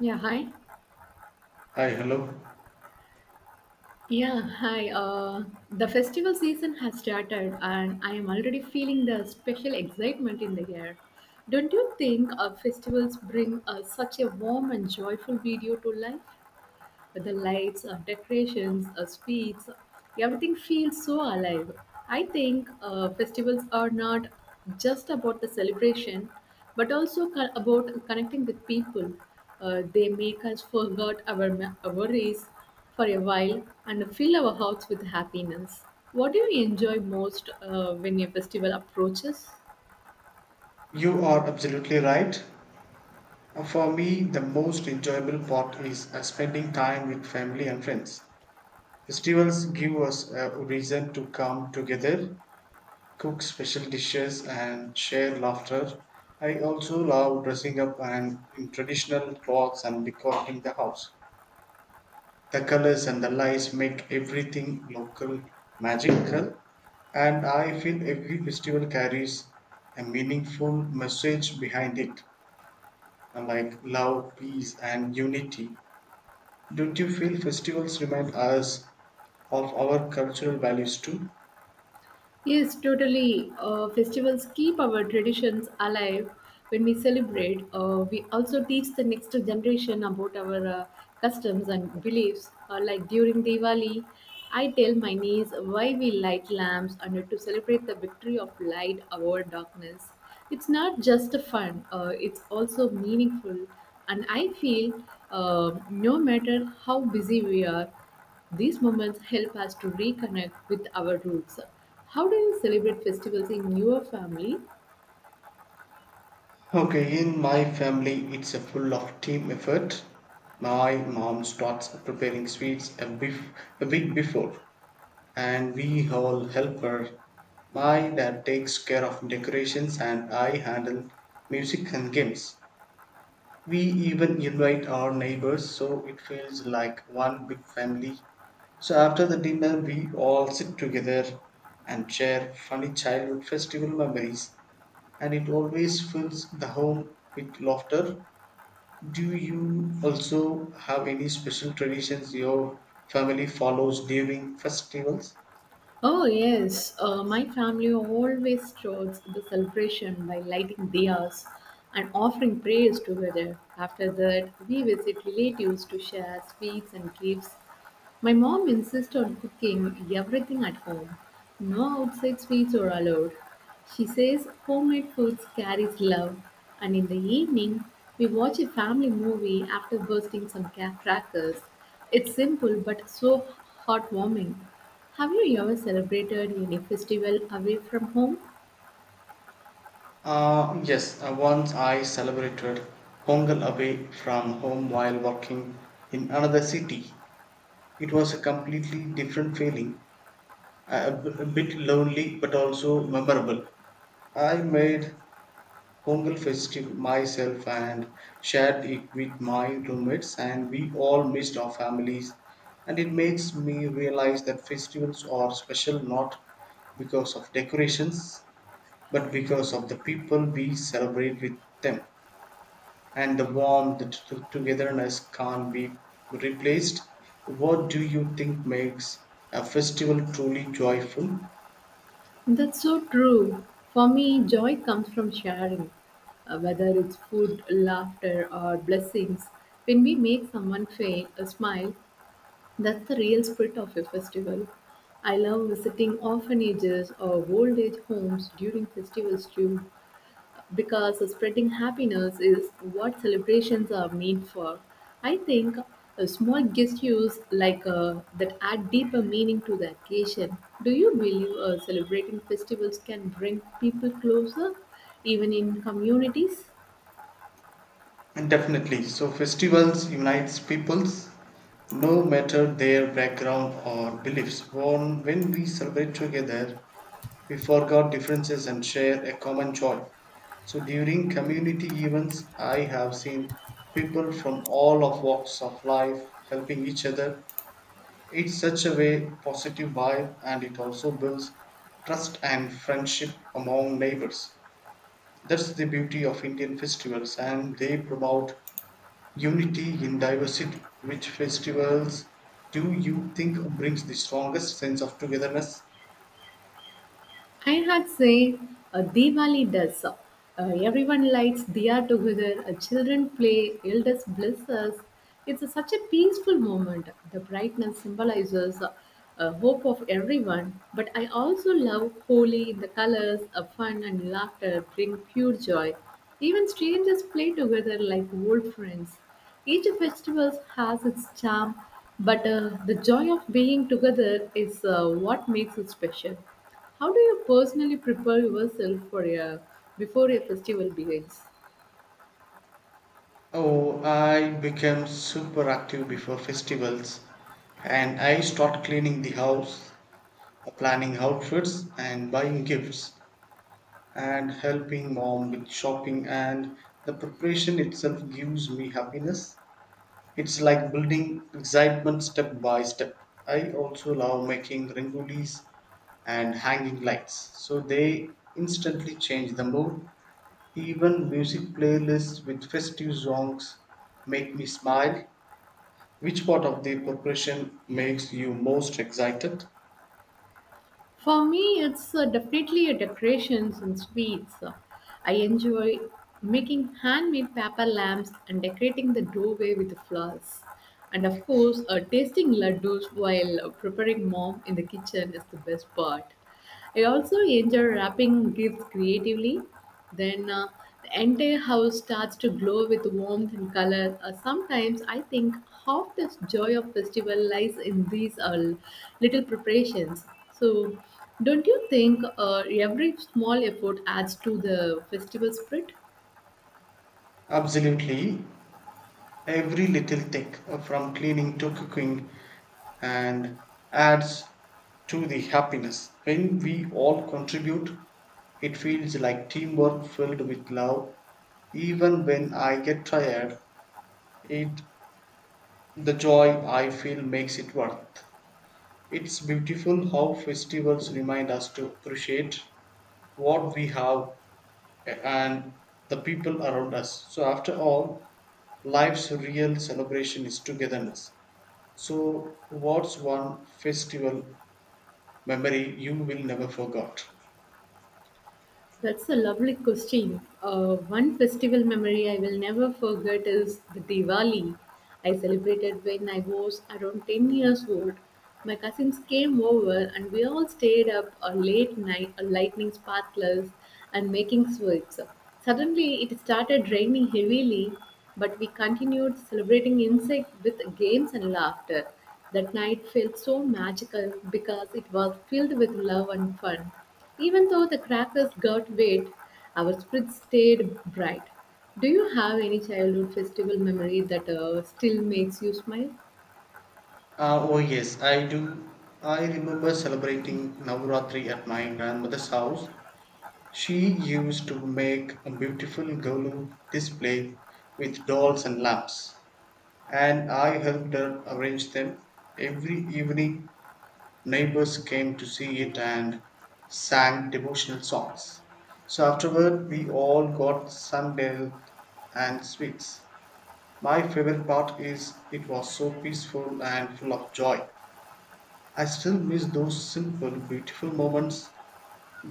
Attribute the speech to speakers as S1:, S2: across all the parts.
S1: Yeah, hi.
S2: Hi, hello.
S1: Yeah, hi. The festival season has started, and I am already feeling the special excitement in the air. Don't you think festivals bring such a warm and joyful video to life? The lights, decorations, sweets, everything feels so alive. I think festivals are not just about the celebration, but also about connecting with people. They make us forget our worries for a while and fill our hearts with happiness. What do you enjoy most when a festival approaches?
S2: You are absolutely right. For me, the most enjoyable part is spending time with family and friends. Festivals give us a reason to come together, cook special dishes, and share laughter. I also love dressing up and in traditional clothes and decorating the house. The colors and the lights make everything local magical, and I feel every festival carries a meaningful message behind it. And like love, peace, and unity, don't you feel festivals remind us of our cultural values too?
S1: Yes, totally. Festivals keep our traditions alive. When we celebrate, we also teach the next generation about our customs and beliefs. Like during Diwali, I tell my niece why we light lamps and to celebrate the victory of light over darkness. It's not just a fun; it's also meaningful. And I feel, no matter how busy we are. These moments help us to reconnect with our roots. How do you celebrate festivals in your family?
S2: Okay, in my family, it's a full of team effort. My mom starts preparing sweets a week before, and we all help her. My dad takes care of decorations, and I handle music and games. We even invite our neighbors, so it feels like one big family. So after the dinner, we all sit together and share funny childhood festival memories, and it always fills the home with laughter. Do you also have any special traditions your family follows during festivals?
S1: Oh, yes. My family always starts the celebration by lighting diyas and offering prayers together. After that, we visit relatives to share sweets and gifts. My mom insists on cooking everything at home. No outside sweets are allowed. She says homemade foods carries love. And in the evening, we watch a family movie after bursting some crackers. It's simple but so heartwarming. Have you ever celebrated any festival away from home?
S2: Yes, once I celebrated Pongal away from home while working in another city. It was a completely different feeling, a bit lonely but also memorable. I made Pongal festive myself and shared it with my roommates, and we all missed our families. And it makes me realize that festivals are special not because of decorations, but because of the people we celebrate with them. And the warmth, the togetherness can't be replaced. What do you think makes a festival truly joyful?
S1: That's so true. For me, joy comes from sharing, whether it's food, laughter, or blessings. When we make someone fail, a smile, that's the real spirit of a festival. I love visiting orphanages or old age homes during festivals too, because spreading happiness is what celebrations are meant for. I think a small gestures like that add deeper meaning to the occasion. Do you believe celebrating festivals can bring people closer, even in communities?
S2: And definitely, so festivals unites peoples no matter their background or beliefs. When we celebrate together, we forget differences and share a common joy. So during community events, I have seen people from all of walks of life helping each other. It's such a way positive vibe and it also builds trust and friendship among neighbors. That's the beauty of Indian festivals and they promote unity in diversity. Which festivals do you think brings the strongest sense of togetherness?
S1: I had say a Diwali does. Everyone lights diya together. Children play. Elders bless us. It's a, such a peaceful moment. The brightness symbolizes hope of everyone. But I also love Holi. The colors, fun and laughter bring pure joy. Even strangers play together like old friends. Each festival has its charm, but the joy of being together is what makes it special. How do you personally prepare yourself for a before a festival begins?
S2: Oh, I became super active before festivals and I start cleaning the house, planning outfits and buying gifts, and helping mom with shopping, and the preparation itself gives me happiness. It's like building excitement step by step. I also love making rangolis and hanging lights, so they instantly change the mood. Even music playlists with festive songs make me smile. Which part of the preparation makes you most excited?
S1: For me, it's definitely a decorations and sweets. I enjoy making handmade paper lamps and decorating the doorway with flowers. And of course, tasting laddus while preparing mom in the kitchen is the best part. I also enjoy wrapping gifts creatively. Then the entire house starts to glow with warmth and color. Sometimes I think half the joy of festival lies in these little preparations. So, don't you think every small effort adds to the festival spirit?
S2: Absolutely, every little thing from cleaning to cooking and adds to the happiness. When we all contribute, it feels like teamwork filled with love. Even when I get tired, it the joy I feel makes it worth. It's beautiful how festivals remind us to appreciate what we have and the people around us. So after all, life's real celebration is togetherness. So, what's one festival memory you will never forget?
S1: That's a lovely question. One festival memory I will never forget is the Diwali. I celebrated when I was around 10 years old. My cousins came over and we all stayed up a late night, a lightning sparklers and making sweets. Suddenly it started raining heavily, but we continued celebrating insect with games and laughter. That night felt so magical because it was filled with love and fun. Even though the crackers got wet, our spirit stayed bright. Do you have any childhood festival memory that still makes you smile?
S2: Oh, yes, I do. I remember celebrating Navaratri at my grandmother's house. She used to make a beautiful Golu display with dolls and lamps, and I helped her arrange them. Every evening, neighbors came to see it and sang devotional songs. So, afterward, we all got sandal and sweets. My favorite part is it was so peaceful and full of joy. I still miss those simple, beautiful moments.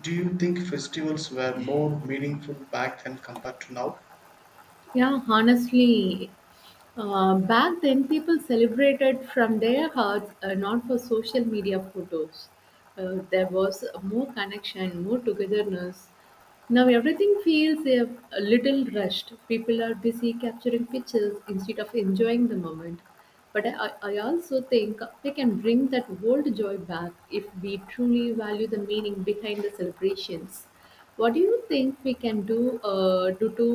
S2: Do you think festivals were more meaningful back then compared to now?
S1: Yeah, honestly, back then people celebrated from their hearts, not for social media photos. There was more connection, more togetherness. Now everything feels a little rushed. People are busy capturing pictures instead of enjoying the moment. But I also think we can bring that old joy back if we truly value the meaning behind the celebrations. What do you think we can do to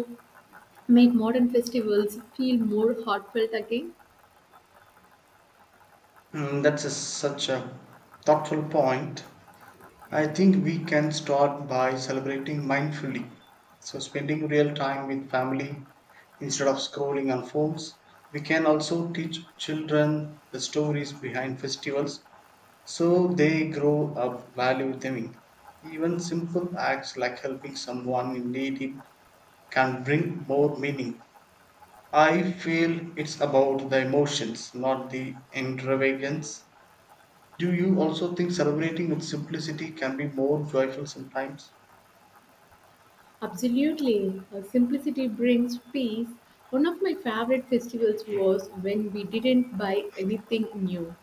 S1: make modern festivals feel more heartfelt again?
S2: Such a thoughtful point. I think we can start by celebrating mindfully. So, spending real time with family instead of scrolling on phones. We can also teach children the stories behind festivals, so they grow up valuing even simple acts like helping someone in need can bring more meaning. I feel it's about the emotions, not the extravagance. Do you also think celebrating with simplicity can be more joyful sometimes?
S1: Absolutely. Simplicity brings peace. One of my favorite festivals was when we didn't buy anything new,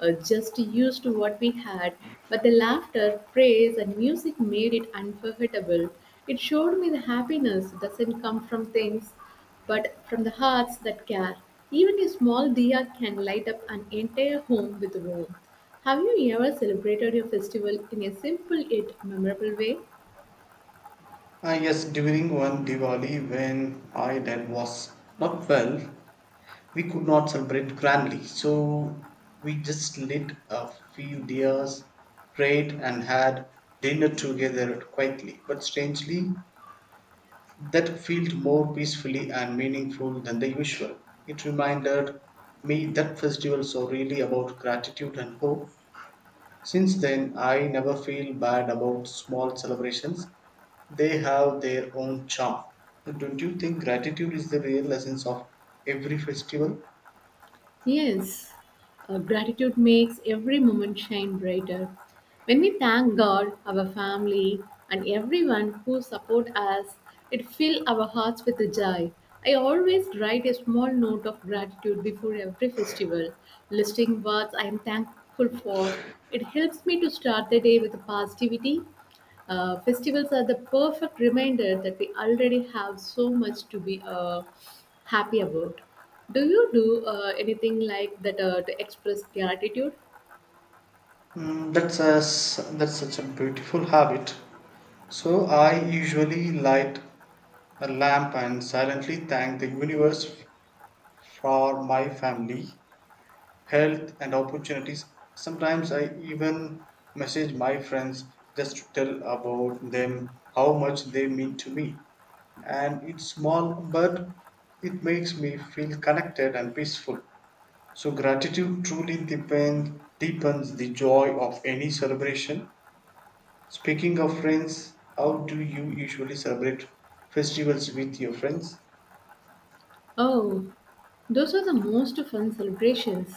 S1: just used what we had. But the laughter, praise, and music made it unforgettable. It showed me the happiness doesn't come from things, but from the hearts that care. Even a small diya can light up an entire home with warmth. Have you ever celebrated your festival in a simple yet memorable way?
S2: Ah, yes, during one Diwali when my dad was not well, we could not celebrate grandly, so we just lit a few dias, prayed, and had dinner together quietly. But strangely, that felt more peacefully and meaningful than the usual. It reminded me that festivals are really about gratitude and hope. Since then, I never feel bad about small celebrations. They have their own charm. Don't you think gratitude is the real essence of every festival?
S1: Yes, gratitude makes every moment shine brighter. When we thank God, our family, and everyone who support us, it fills our hearts with joy. I always write a small note of gratitude before every festival, listing what I am thankful for. It helps me to start the day with positivity. Festivals are the perfect reminder that we already have so much to be happy about. Do you do anything like that to express gratitude?
S2: That's such a beautiful habit. So I usually light a lamp and silently thank the universe for my family, health, and opportunities. Sometimes I even message my friends just to tell about them, how much they mean to me. And it's small, but it makes me feel connected and peaceful. So gratitude truly deepens the joy of any celebration. Speaking of friends, how do you usually celebrate festivals with your friends?
S1: Oh, those are the most fun celebrations.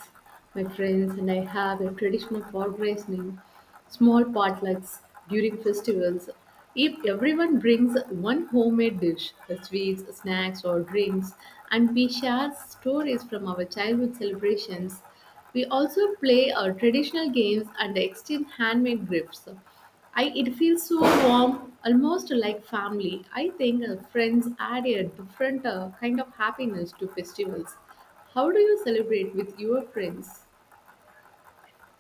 S1: My friends and I have a traditional for raising small potlucks during festivals. If everyone brings one homemade dish, sweets, snacks, or drinks, and we share stories from our childhood celebrations, we also play our traditional games and exchange handmade gifts. I it feels so warm, almost like family. I think friends add a different kind of happiness to festivals. How do you celebrate with your friends?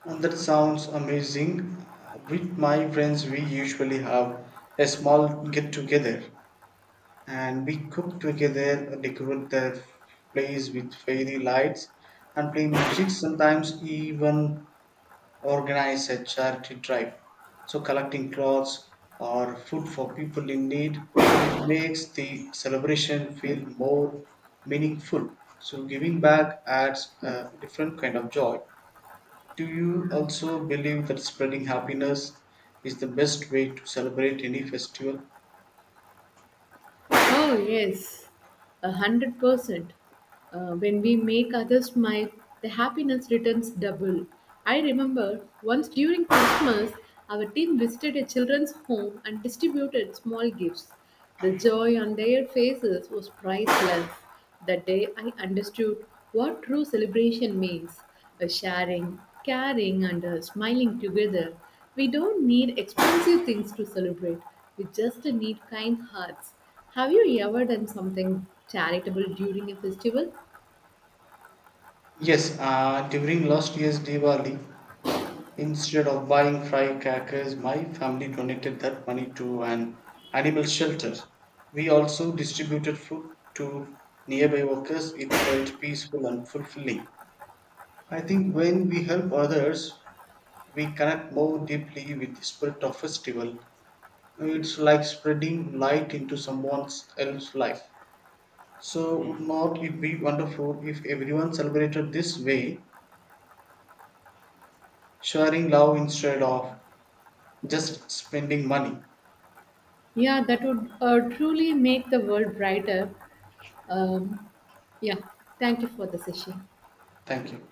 S2: And that sounds amazing. With my friends, we usually have a small get together, and we cook together, decorate the place with fairy lights, and play music. Sometimes, even organize a charity drive. So collecting clothes or food for people in need, and it makes the celebration feel more meaningful. So giving back adds a different kind of joy. Do you also believe that spreading happiness is the best way to celebrate any festival?
S1: Oh yes, 100%. When we make others smile, the happiness returns double. I remember once during Christmas, our team visited a children's home and distributed small gifts. The joy on their faces was priceless. That day I understood what true celebration means, a sharing, caring, and a smiling together. We don't need expensive things to celebrate, we just need kind hearts. Have you ever done something charitable during a festival?
S2: Yes, during last year's Diwali, instead of buying fry crackers, my family donated that money to an animal shelter. We also distributed food to nearby workers. It felt peaceful and fulfilling. I think when we help others, we connect more deeply with the spirit of festival. It's like spreading light into someone else's life. So, would not it be wonderful if everyone celebrated this way, sharing love instead of just spending money?
S1: Yeah, that would truly make the world brighter. Um, yeah, thank you for the session.
S2: Thank you.